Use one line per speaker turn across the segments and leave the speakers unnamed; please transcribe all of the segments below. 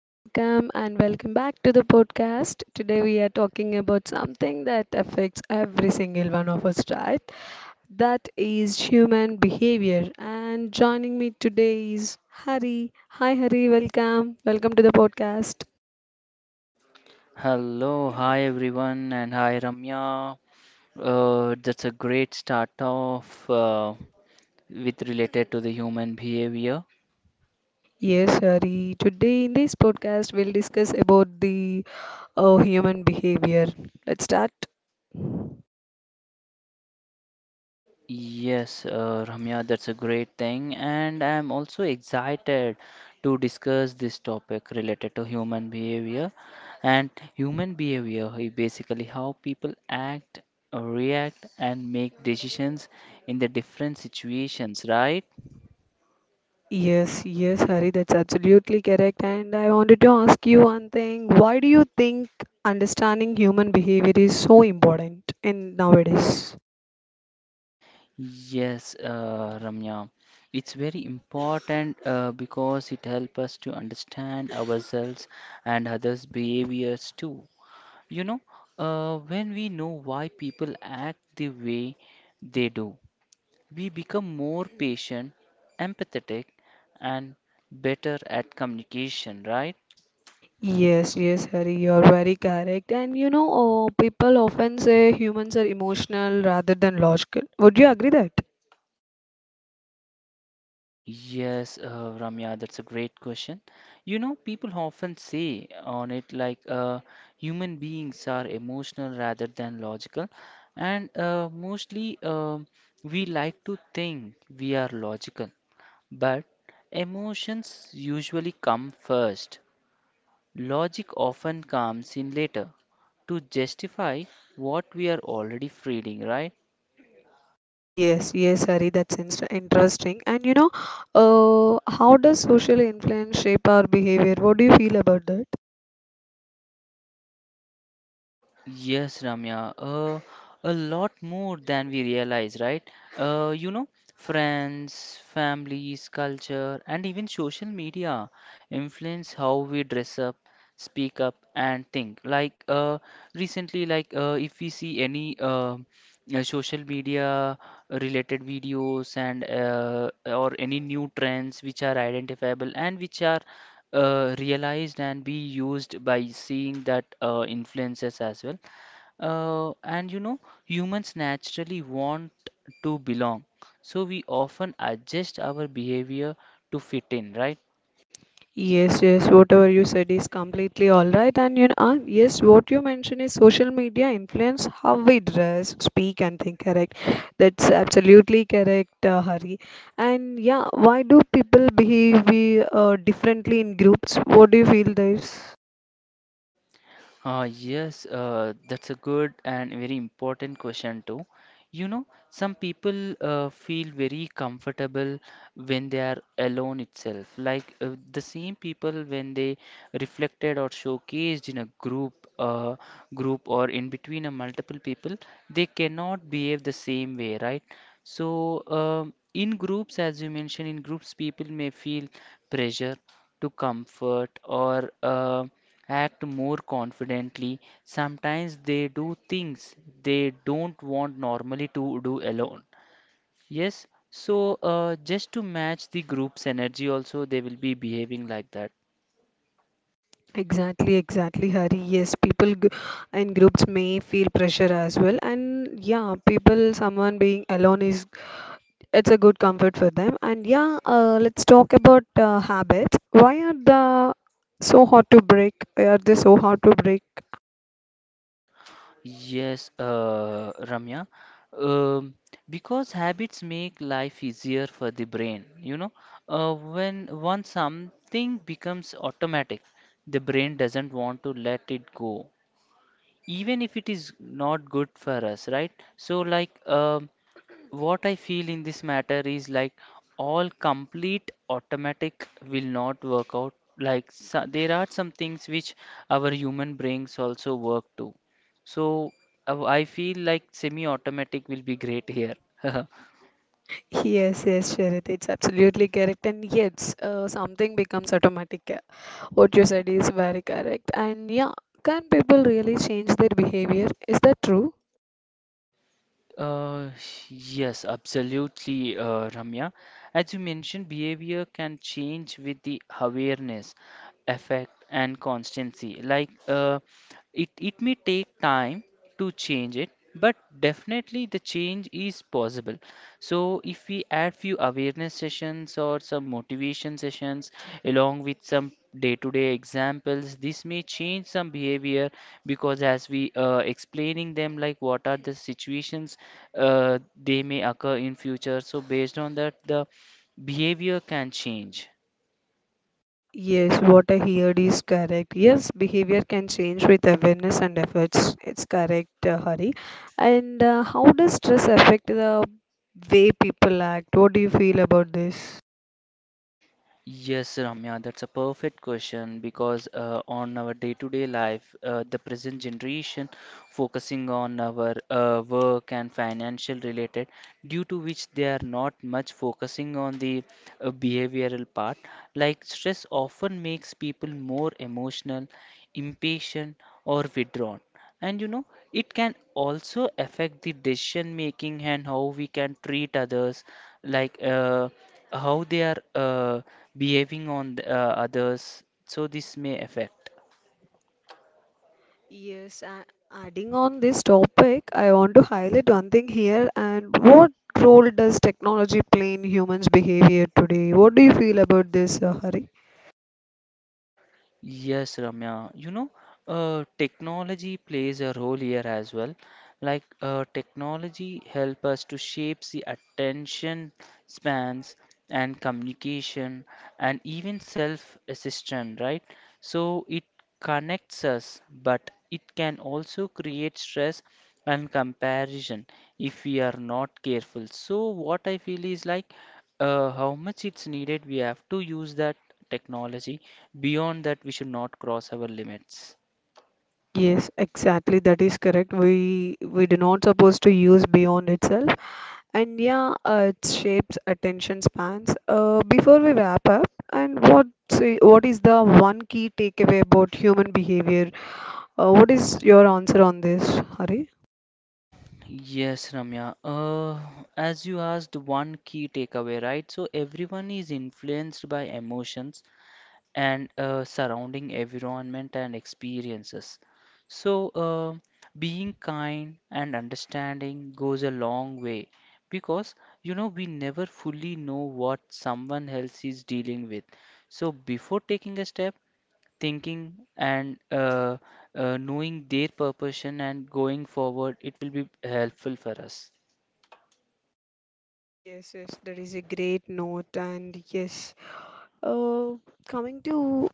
welcome and welcome back to the podcast. Today we are talking about something that affects every single one of us, right? That is human behavior. And joining me today is Hari. Hi, Hari, welcome. Welcome to the podcast.
Hello, hi everyone, and hi Ramya. That's a great start off with related to the human behavior.
Yes, Hari. Today in this podcast, we'll discuss about the human behavior. Let's start.
Yes, Ramya, that's a great thing, and I'm also excited to discuss this topic related to human behavior. And human behavior is basically how people act, react, and make decisions in the different situations, right?
Yes, Hari, that's absolutely correct. And I wanted to ask you one thing. Why do you think understanding human behavior is so important in nowadays?
Yes, Ramya, it's very important because it helps us to understand ourselves and others' behaviors too. You know, when we know why people act the way they do, we become more patient, empathetic, and better at communication, right?
Yes, Hari, you're very correct. And you know, people often say humans are emotional rather than logical. Would you agree that?
Yes, Ramya, that's a great question. You know, people often say on it like human beings are emotional rather than logical, and mostly we like to think we are logical, but emotions usually come first. Logic often comes in later to justify what we are already feeling, right?
Yes, Hari, that's interesting. And you know, how does social influence shape our behavior? What do you feel about that?
Yes, Ramya, a lot more than we realize, right? You know, friends, families, culture, and even social media influence how we dress up, speak up, and think. Like recently, like if we see any social media related videos and or any new trends which are identifiable and which are realized and be used by seeing that influences as well, and you know, humans naturally want to belong, so we often adjust our behavior to fit in, right?
Yes, whatever you said is completely all right. And you know, yes, what you mentioned is social media influence how we dress, speak, and think, correct? That's absolutely correct, Hari. And yeah, why do people behave differently in groups? What do you feel, this?
Yes, that's a good and very important question too. You know, some people feel very comfortable when they are alone itself. Like the same people when they reflected or showcased in a group, group or in between a multiple people, they cannot behave the same way, right? So, in groups, as you mentioned, in groups, people may feel pressure to comfort or act more confidently. Sometimes they do things they don't want normally to do alone. Yes, so just to match the group's energy, also they will be behaving like that.
Exactly, exactly, Hari. Yes, in groups may feel pressure as well, and yeah, someone being alone is it's a good comfort for them. And yeah, let's talk about habits. Why are they so hard to break?
Yes, Ramya. Um, because habits make life easier for the brain. You know, when once something becomes automatic, the brain doesn't want to let it go, even if it is not good for us, right? So, like, what I feel in this matter is like all complete automatic will not work out. Like so, there are some things which our human brains also work to. So I feel like semi-automatic will be great here.
Yes, Sharad, it's absolutely correct. And yes, something becomes automatic. What you said is very correct. And yeah, can people really change their behavior? Is that true?
Uh, yes, Absolutely, Ramya. As you mentioned, behavior can change with the awareness, effect, and constancy. Like, uh, it may take time to change it, but definitely the change is possible. So if we add few awareness sessions or some motivation sessions along with some day-to-day examples, this may change some behavior because as we explaining them like what are the situations they may occur in future. So based on that, the behavior can change.
Yes, what I heard is correct. Yes, behavior can change with awareness and efforts. It's correct, Hari. And how does stress affect the way people act? What do you feel about this?
Yes, Ramya, that's a perfect question because on our day-to-day life, the present generation focusing on our work and financial related, due to which they are not much focusing on the behavioral part. Like stress often makes people more emotional, impatient, or withdrawn. And you know, it can also affect the decision making and how we can treat others, like how they are behaving on the, others. So this may affect.
Yes, a- adding on this topic, I want to highlight one thing here. And what role does technology play in humans' behavior today? What do you feel about this, Hari?
Yes, Ramya. You know, technology plays a role here as well. Like technology help us to shape the attention spans and communication and even self-assistance, right? So it connects us, but it can also create stress and comparison if we are not careful. So what I feel is like how much it's needed, we have to use that technology. Beyond that, we should not cross our limits.
Yes, exactly. That is correct. We do not supposed to use beyond itself. And yeah, it shapes attention spans. Before we wrap up, and what is the one key takeaway about human behavior? What is your answer on this, Hari?
Yes, Ramya. As you asked, one key takeaway, right? So everyone is influenced by emotions and surrounding environment and experiences. So being kind and understanding goes a long way because you know we never fully know what someone else is dealing with. So before taking a step, thinking and knowing their purpose and going forward, it will be helpful for us.
Yes, that is a great note. And yes, uh, coming to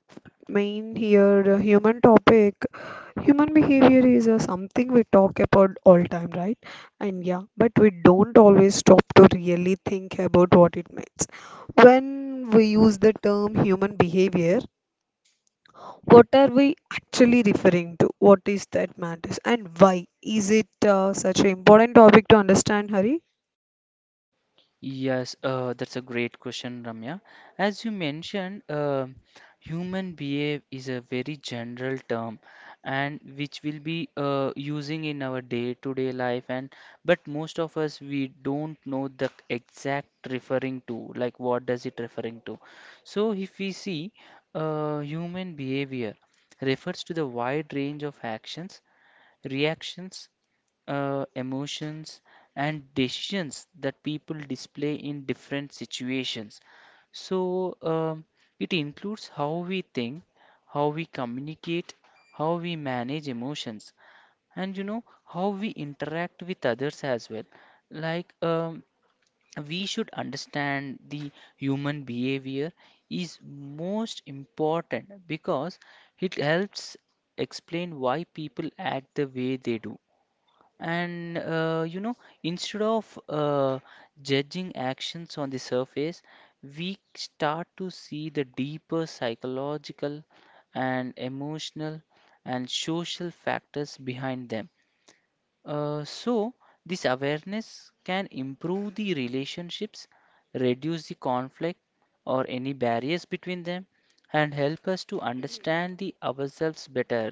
main here the human topic human behavior is something we talk about all time, right? And yeah, but we don't always stop to really think about what it means when we use the term human behavior. What are we actually referring to? What is that matters, and why is it such an important topic to understand, Hari?
Yes, that's a great question, Ramya. As you mentioned, human behave is a very general term and which we'll be using in our day-to-day life and but most of us we don't know the exact referring to like what does it referring to. So if we see human behavior refers to the wide range of actions, reactions, emotions, and decisions that people display in different situations. So, it includes how we think, how we communicate, how we manage emotions, and you know, how we interact with others as well. Like, we should understand the human behavior is most important because it helps explain why people act the way they do. And you know, instead of judging actions on the surface, we start to see the deeper psychological and emotional and social factors behind them. Uh, so, this awareness can improve the relationships, reduce the conflict or any barriers between them, and help us to understand the ourselves better.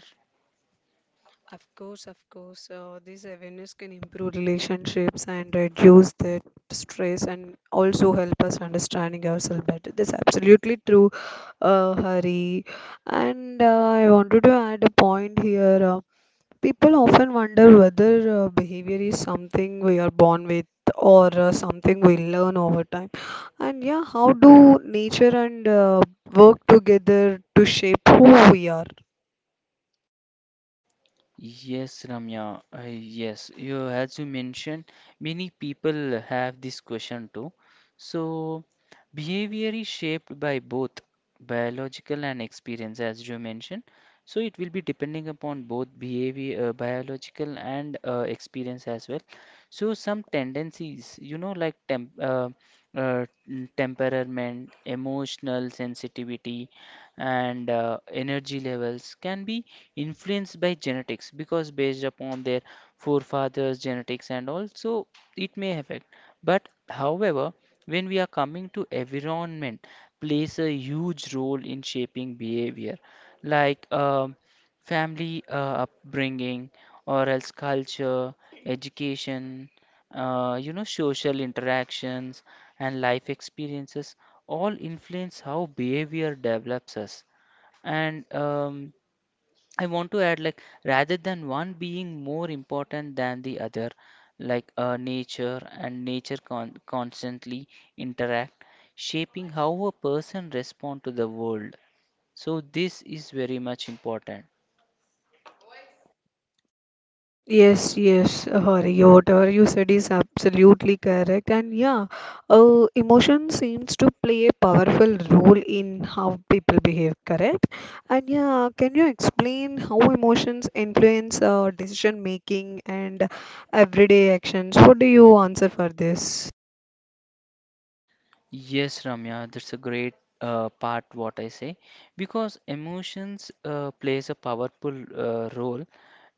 Of course, this awareness can improve relationships and reduce the stress and also help us understanding ourselves better. That's absolutely true, Hari. And I wanted to add a point here. People often wonder whether behavior is something we are born with or something we learn over time. And yeah, how do nature and work together to shape who we are?
Yes, Ramya. Yes, you as you mentioned, many people have this question too. So, behavior is shaped by both biological and experience, as you mentioned. So, it will be depending upon both behavior, biological and experience as well. So, some tendencies, you know, like temperament, emotional sensitivity, and energy levels can be influenced by genetics because based upon their forefathers genetics and also it may affect, but however when we are coming to environment plays a huge role in shaping behavior like family upbringing or else culture, education, you know, social interactions and life experiences all influence how behavior develops us. And I want to add like rather than one being more important than the other, like nature and nature constantly interact, shaping how a person respond to the world. So this is very much important.
Yes, Hari, whatever you said is absolutely correct. And yeah, emotion seems to play a powerful role in how people behave, correct? And yeah, can you explain how emotions influence decision making and everyday actions? What do you answer for this?
Yes, Ramya, that's a great part what I say because emotions plays a powerful role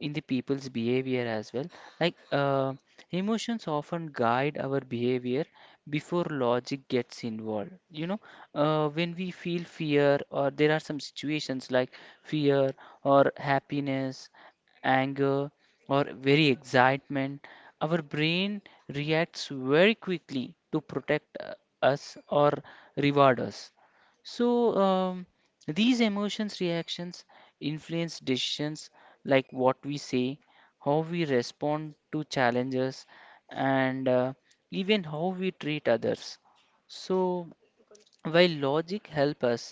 in the people's behavior as well. Like emotions often guide our behavior before logic gets involved. You know, when we feel fear or there are some situations like fear or happiness, anger or very excitement, our brain reacts very quickly to protect us or reward us. So, these emotions reactions influence decisions like what we say, how we respond to challenges, and even how we treat others. So, while logic helps us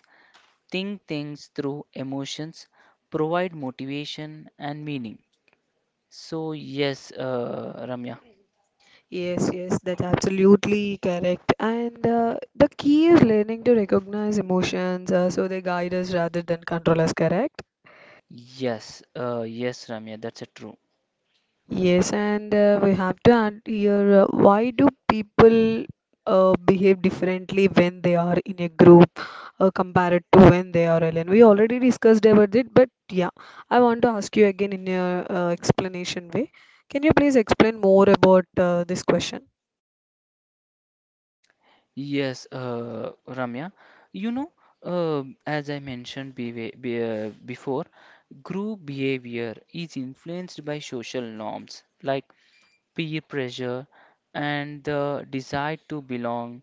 think things through emotions, provide motivation and meaning. So yes, Ramya.
Yes, that's absolutely correct. And the key is learning to recognize emotions so they guide us rather than control us, correct?
Yes, Ramya. That's a true.
Yes, and we have to add here why do people behave differently when they are in a group compared to when they are alone? We already discussed about it, but yeah, I want to ask you again in your explanation way. Can you please explain more about this question?
Yes, Ramya. You know, as I mentioned be before, group behavior is influenced by social norms like peer pressure and the desire to belong.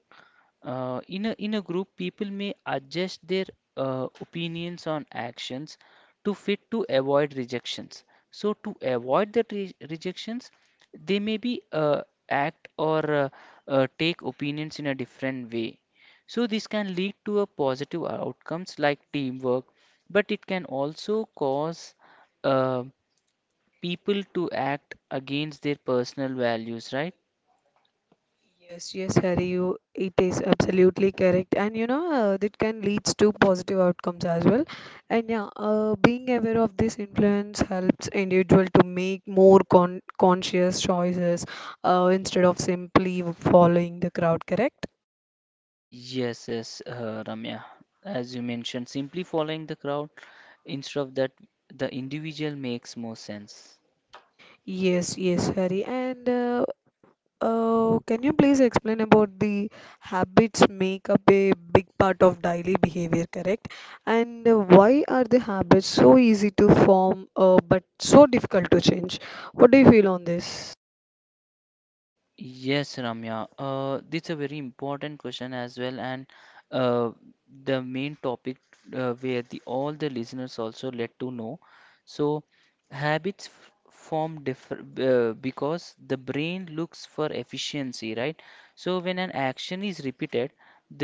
In a group, people may adjust their opinions on actions to fit to avoid rejections. So, to avoid the re rejections, they may be act or take opinions in a different way. So, this can lead to a positive outcomes like teamwork, but it can also cause uh, people to act against their personal values, right?
Yes, Harry, it is absolutely correct, and you know that can leads to positive outcomes as well. And yeah, being aware of this influence helps individual to make more conscious choices instead of simply following the crowd. Correct?
Yes, yes, Ramya. As you mentioned, simply following the crowd instead of that, the individual makes more sense.
Yes, Harry, and can you please explain about the habits make up a big part of daily behavior, correct? And why are the habits so easy to form but so difficult to change? What do you feel on this?
Yes, Ramya. It's a very important question as well, and uh, the main topic where the all the listeners also let to know. So, habits form differ because the brain looks for efficiency, right? So, when an action is repeated,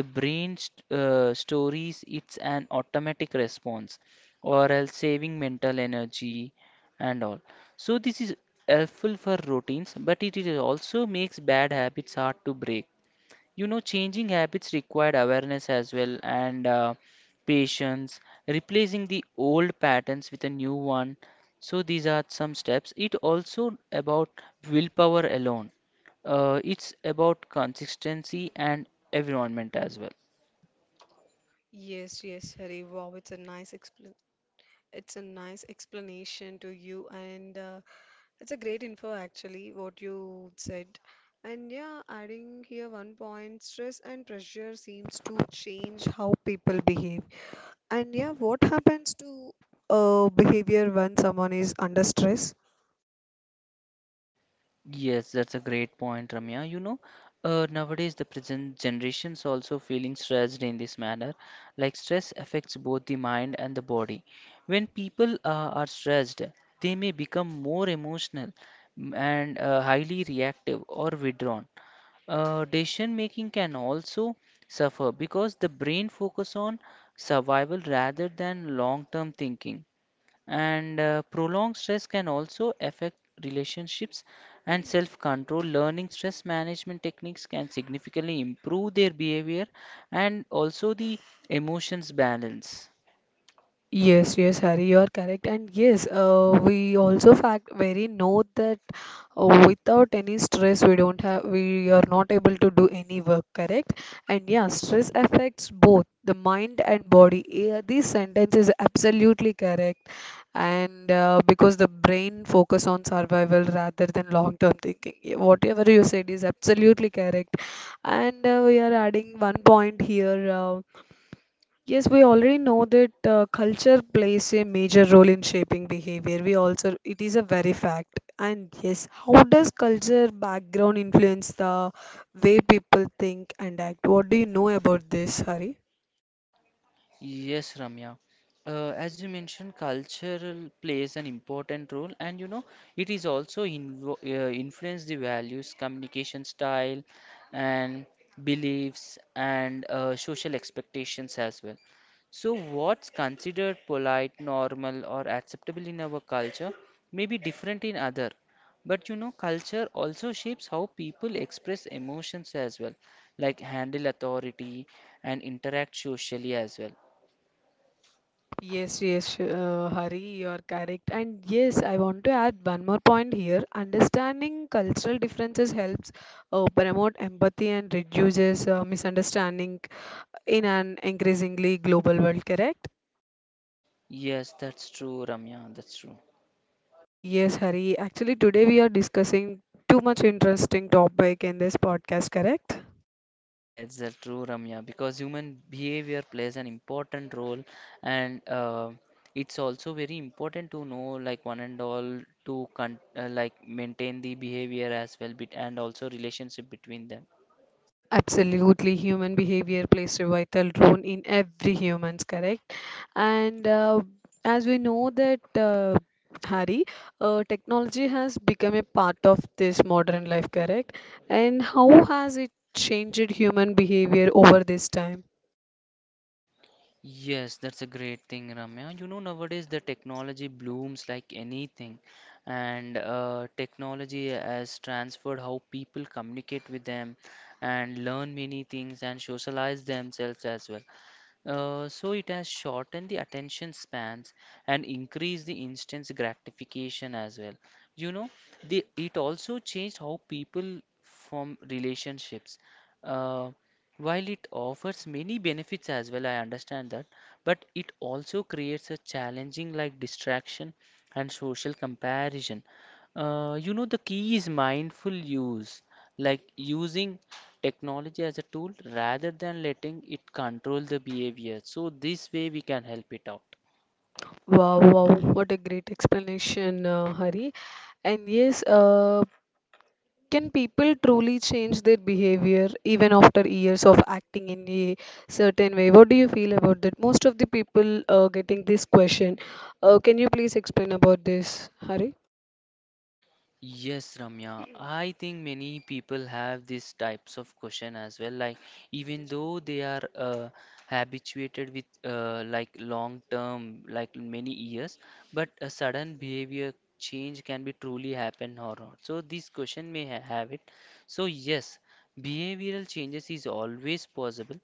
the brain st stores it's an automatic response, or else saving mental energy and all. So this is helpful for routines, but it is also makes bad habits hard to break. You know, changing habits required awareness as well and patience, replacing the old patterns with a new one. So these are some steps. It also about willpower alone. It's about consistency and environment as well.
Yes, Hari. Wow, it's a nice explanation to you, and it's a great info actually what you said. And yeah, adding here one point, stress and pressure seems to change how people behave. And yeah, what happens to behavior when someone is under stress?
Yes, that's a great point, Ramya. You know, nowadays the present generations also feeling stressed in this manner. Like stress affects both the mind and the body. When people are stressed, they may become more emotional and highly reactive or withdrawn. Decision making can also suffer because the brain focus on survival rather than long-term thinking, and prolonged stress can also affect relationships and self control. Learning stress management techniques can significantly improve their behavior and also the emotions balance.
Yes, Harry, you are correct. And yes, we also fact very note that. Uh, without any stress we don't have, we are not able to do any work, correct? And yeah, stress affects both the mind and body. Yeah, this sentence is absolutely correct. And because the brain focus on survival rather than long term thinking. Yeah, whatever you said is absolutely correct. And we are adding one point here. Yes, we already know that culture plays a major role in shaping behavior. We also, it is a very fact. And yes, how does culture background influence the way people think and act? What do you know about this, Hari?
Yes, Ramya. As you mentioned, cultural plays an important role, and you know, it is also invo influence the values, communication style, and beliefs, and social expectations as well. So, what's considered polite, normal, or acceptable in our culture may be different in other. But you know, culture also shapes how people express emotions as well, like handle authority and interact socially as well.
Yes, Hari, you are correct. And yes, I want to add one more point here. Understanding cultural differences helps promote empathy and reduces misunderstanding in an increasingly global world, correct?
Yes, that's true, Ramya. That's true.
Yes, Hari. Actually, today we are discussing too much interesting topic in this podcast, correct?
Yes, that's true, Ramya. Because human behavior plays an important role, and it's also very important to know, like one and all, to con like maintain the behavior as well, bit and also relationship between them.
Absolutely, human behavior plays a vital role in every humans, correct? And as we know that Hari, technology has become a part of this modern life, correct? And how has it changed human behavior over this time?
Yes, that's a great thing, Ramya. You know, nowadays the technology blooms like anything, and technology has transferred how people communicate with them and learn many things and socialize themselves as well. So it has shortened the attention spans and increased the instant gratification as well. You know, it also changed how people form relationships. Uh, while it offers many benefits as well, I understand that, but it also creates a challenging like distraction and social comparison. The key is mindful use, like using technology as a tool rather than letting it control the behavior. So, this way we can help it out.
Wow, wow, what a great explanation, Hari. And yes, can people truly change their behavior even after years of acting in a certain way? What do you feel about that? Most of the people getting this question. Can you please explain about this, Hari?
Yes, Ramya. I think many people have these types of question as well. Like even though they are habituated with like long term, like many years, but a sudden behavior change can be truly happen or not. So this question may ha have it. So yes, behavioral changes is always possible.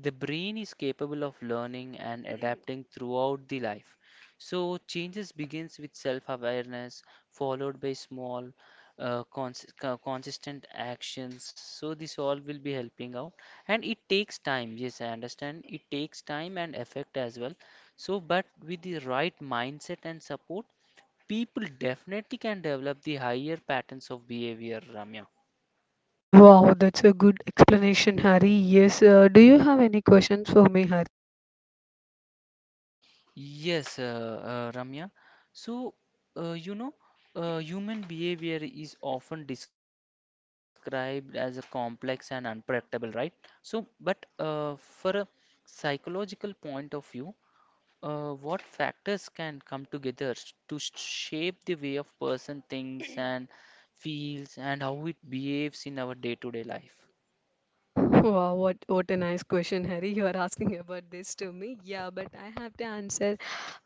The brain is capable of learning and adapting throughout the life. So changes begins with self-awareness followed by small, consistent actions. So this all will be helping out, and it takes time. Yes, I understand. It takes time and effect as well. So, but with the right mindset and support, people definitely can develop the higher patterns of behavior, Ramya.
Wow, that's a good explanation, Harry. Yes, do you have any questions for me, Harry?
Yes, Ramya. So, you know, human behavior is often described as a complex and unpredictable, right? So, but for a psychological point of view, what factors can come together to shape the way of person thinks and feels and how it behaves in our day-to-day life?
Wow, what a nice question, Harry. You are asking about this to me. Yeah, but I have to answer.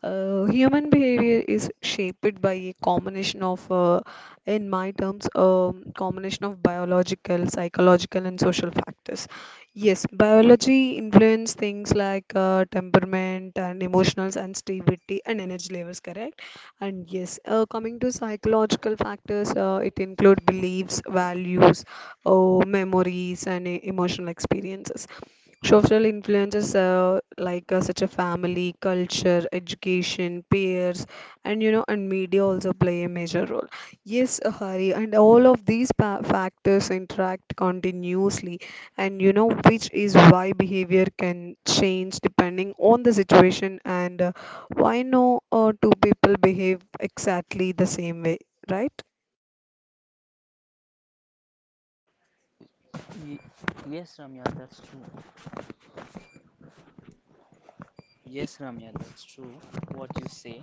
Human behavior is shaped by a combination of, in my terms, combination of biological, psychological, and social factors. Yes, biology influence things like temperament and emotional sensitivity and energy levels, correct? And yes, coming to psychological factors, it include beliefs, values, memories, and emotional experiences. Social influences, like such a family, culture, education, peers, and you know, and media also play a major role. Yes, Hari, and all of these factors interact continuously. And you know, which is why behavior can change depending on the situation. And why no two people behave exactly the same way, right?
Ye- yes, Ramya, that's true.
Ye-
Yes, Ramya, that's true. What you say.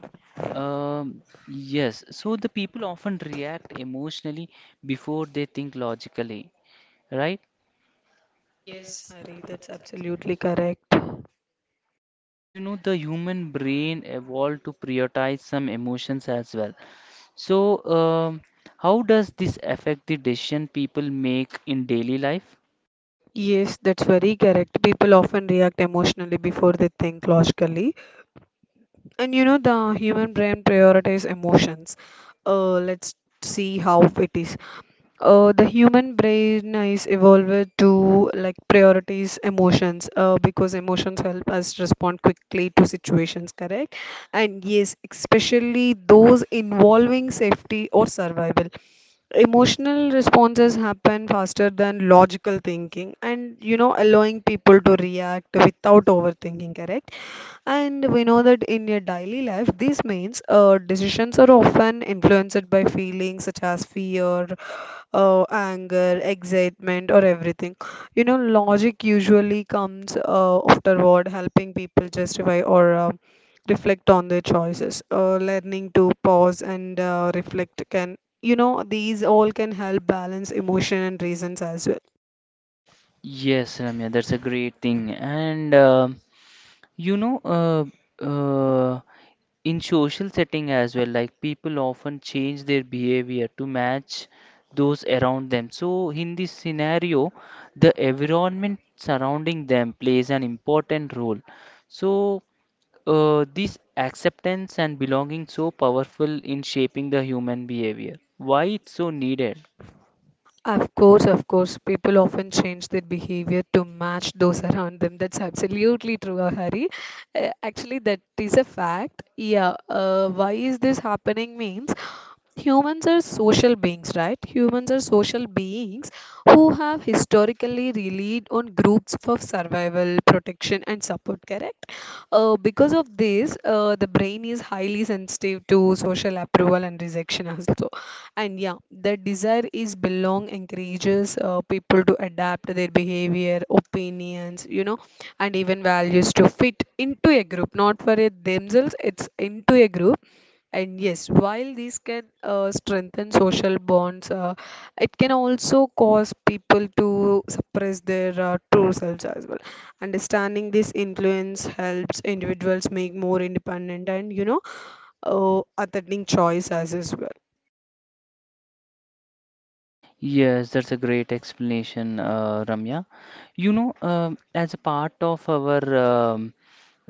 Um, yes, so the people often react emotionally before they think logically, right?
yes Hari, that's absolutely correct.
And you know, the human brain evolved to prioritize some emotions as well. So, how does this affect the decision people make in daily life?
Yes, that's very correct. People often react emotionally before they think logically. And you know, the human brain prioritizes emotions. Let's see how it is. The human brain is evolved to like priorities emotions because emotions help us respond quickly to situations, correct? And yes, especially those involving safety or survival. Emotional responses happen faster than logical thinking, and you know, allowing people to react without overthinking, correct? And we know that in your daily life, this means decisions are often influenced by feelings such as fear, anger, excitement, or everything. You know, logic usually comes afterward, helping people justify or reflect on their choices. Learning to pause and reflect can, you know, these all can help balance emotion and reasons as well.
Yes, Ramya, that's a great thing. And you know, in social setting as well, like people often change their behavior to match those around them. So in this scenario, the environment surrounding them plays an important role. So this acceptance and belonging so powerful in shaping the human behavior. Why it's so needed?
Of course, people often change their behavior to match those around them. That's absolutely true, Hari. Actually, that is a fact. Yeah. Why is this happening? Means humans are social beings who have historically relied on groups for survival, protection, and support, correct? Uh, because of this, the brain is highly sensitive to social approval and rejection also. And yeah, the desire is belong encourages people to adapt their behavior, opinions, you know, and even values to fit into a group, not for it themselves, it's into a group. And yes, while these can strengthen social bonds, it can also cause people to suppress their true selves as well. Understanding this influence helps individuals make more independent and, you know, authentic choice as well.
Yes, that's a great explanation, Ramya. You know, as a part of our um,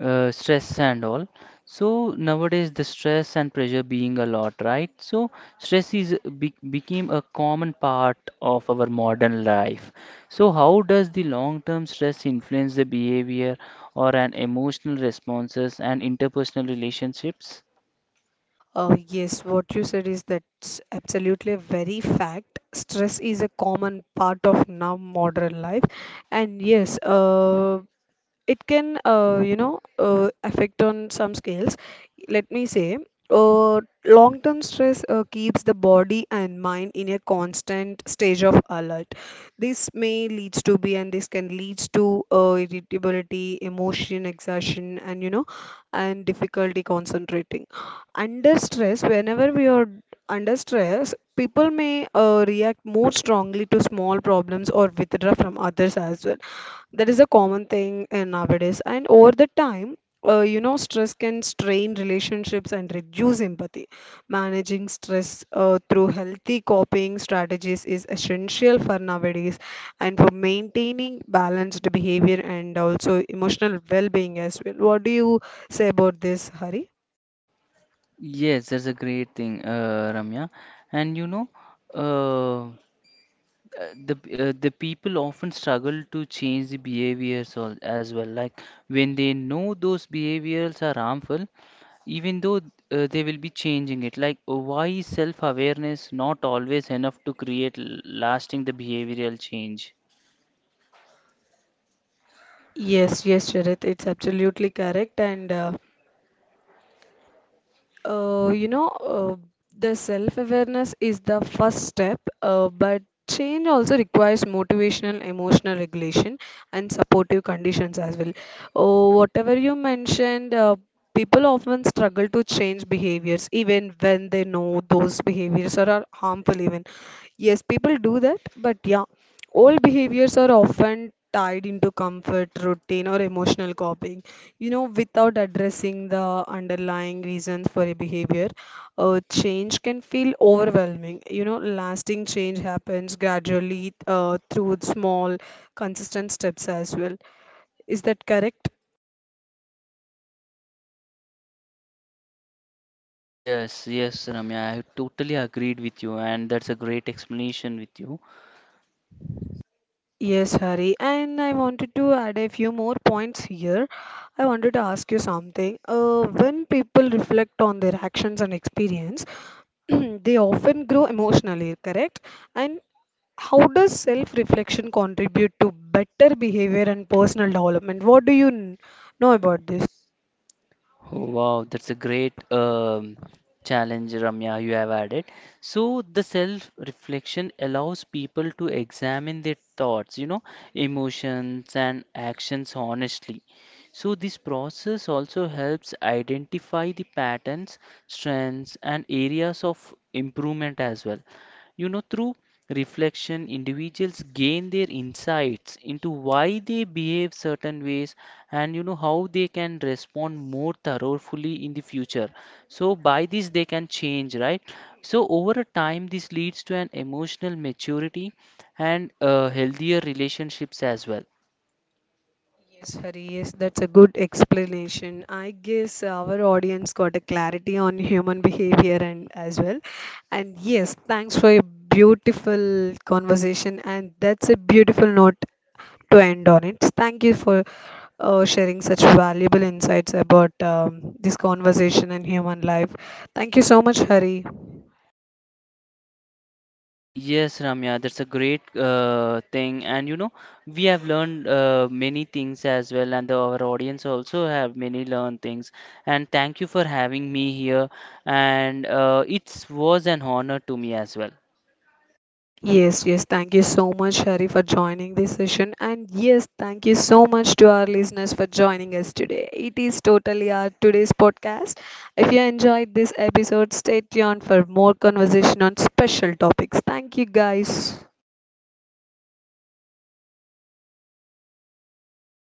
uh, stress and all, so nowadays the stress and pressure being a lot, right? So stress is be became a common part of our modern life. So how does the long-term stress influence the behavior or an emotional responses and interpersonal relationships?
Yes, what you said is that's absolutely a very fact. Stress is a common part of now modern life. And yes, it can you know affect on some scales, let me say. Uh, long term stress keeps the body and mind in a constant stage of alert. This can leads to irritability, emotion exhaustion, and you know, and difficulty concentrating. Under stress, under stress people may react more strongly to small problems or withdraw from others as well. That is a common thing in nowadays. And over the time, you know, stress can strain relationships and reduce empathy. Managing stress through healthy coping strategies is essential for nowadays and for maintaining balanced behavior and also emotional well-being as well. What do you say about this, Hari?
Yes, that's a great thing, Ramya. And you know. uh, uh, the the people often struggle to change the behaviors as well, like when they know those behaviors are harmful, even though they will be changing it, like why is self-awareness not always enough to create lasting the behavioral change?
Yes, Sharath, it's absolutely correct. And you know, the self-awareness is the first step, but change also requires motivational, emotional regulation, and supportive conditions as well. Oh, whatever you mentioned, people often struggle to change behaviors even when they know those behaviors are harmful, even. Yes, people do that, but yeah. Old behaviors are often tied into comfort, routine, or emotional coping, you know, without addressing the underlying reasons for a behavior. Change can feel overwhelming. You know, lasting change happens gradually through small, consistent steps as well. Is that correct?
Yes, yes, Ramya, I totally agreed with you, and that's a great explanation with you.
Yes, Hari. And I wanted to add a few more points here. I wanted to ask you something. When people reflect on their actions and experience, they often grow emotionally, correct? And how does self reflection contribute to better behavior and personal development? What do you know about this?
Oh, wow, that's a great challenge, Ramya, you have added. So, the self-reflection allows people to examine their thoughts, you know, emotions and actions honestly. So, this process also helps identify the patterns, strengths, and areas of improvement as well. You know, through reflection, individuals gain their insights into why they behave certain ways, and you know how they can respond more thoroughly in the future. So, by this, they can change, right? So, over a time, this leads to an emotional maturity and healthier relationships as well.
Yes, Hari, yes, that's a good explanation. I guess our audience got a clarity on human behavior and as well. And yes, thanks for your beautiful conversation. And that's a beautiful note to end on it. Thank you for sharing such valuable insights about this conversation and human life. Thank you so much, Hari.
Yes, Ramya, that's a great thing, and you know, we have learned many things as well, and the, our audience also have many learned things. And thank you for having me here, and it was an honor to me as well.
Yes, thank you so much, Hari, for joining this session. And yes, thank you so much to our listeners for joining us today. It is totally our today's podcast. If you enjoyed this episode, stay tuned for more conversation on special topics. Thank you, guys.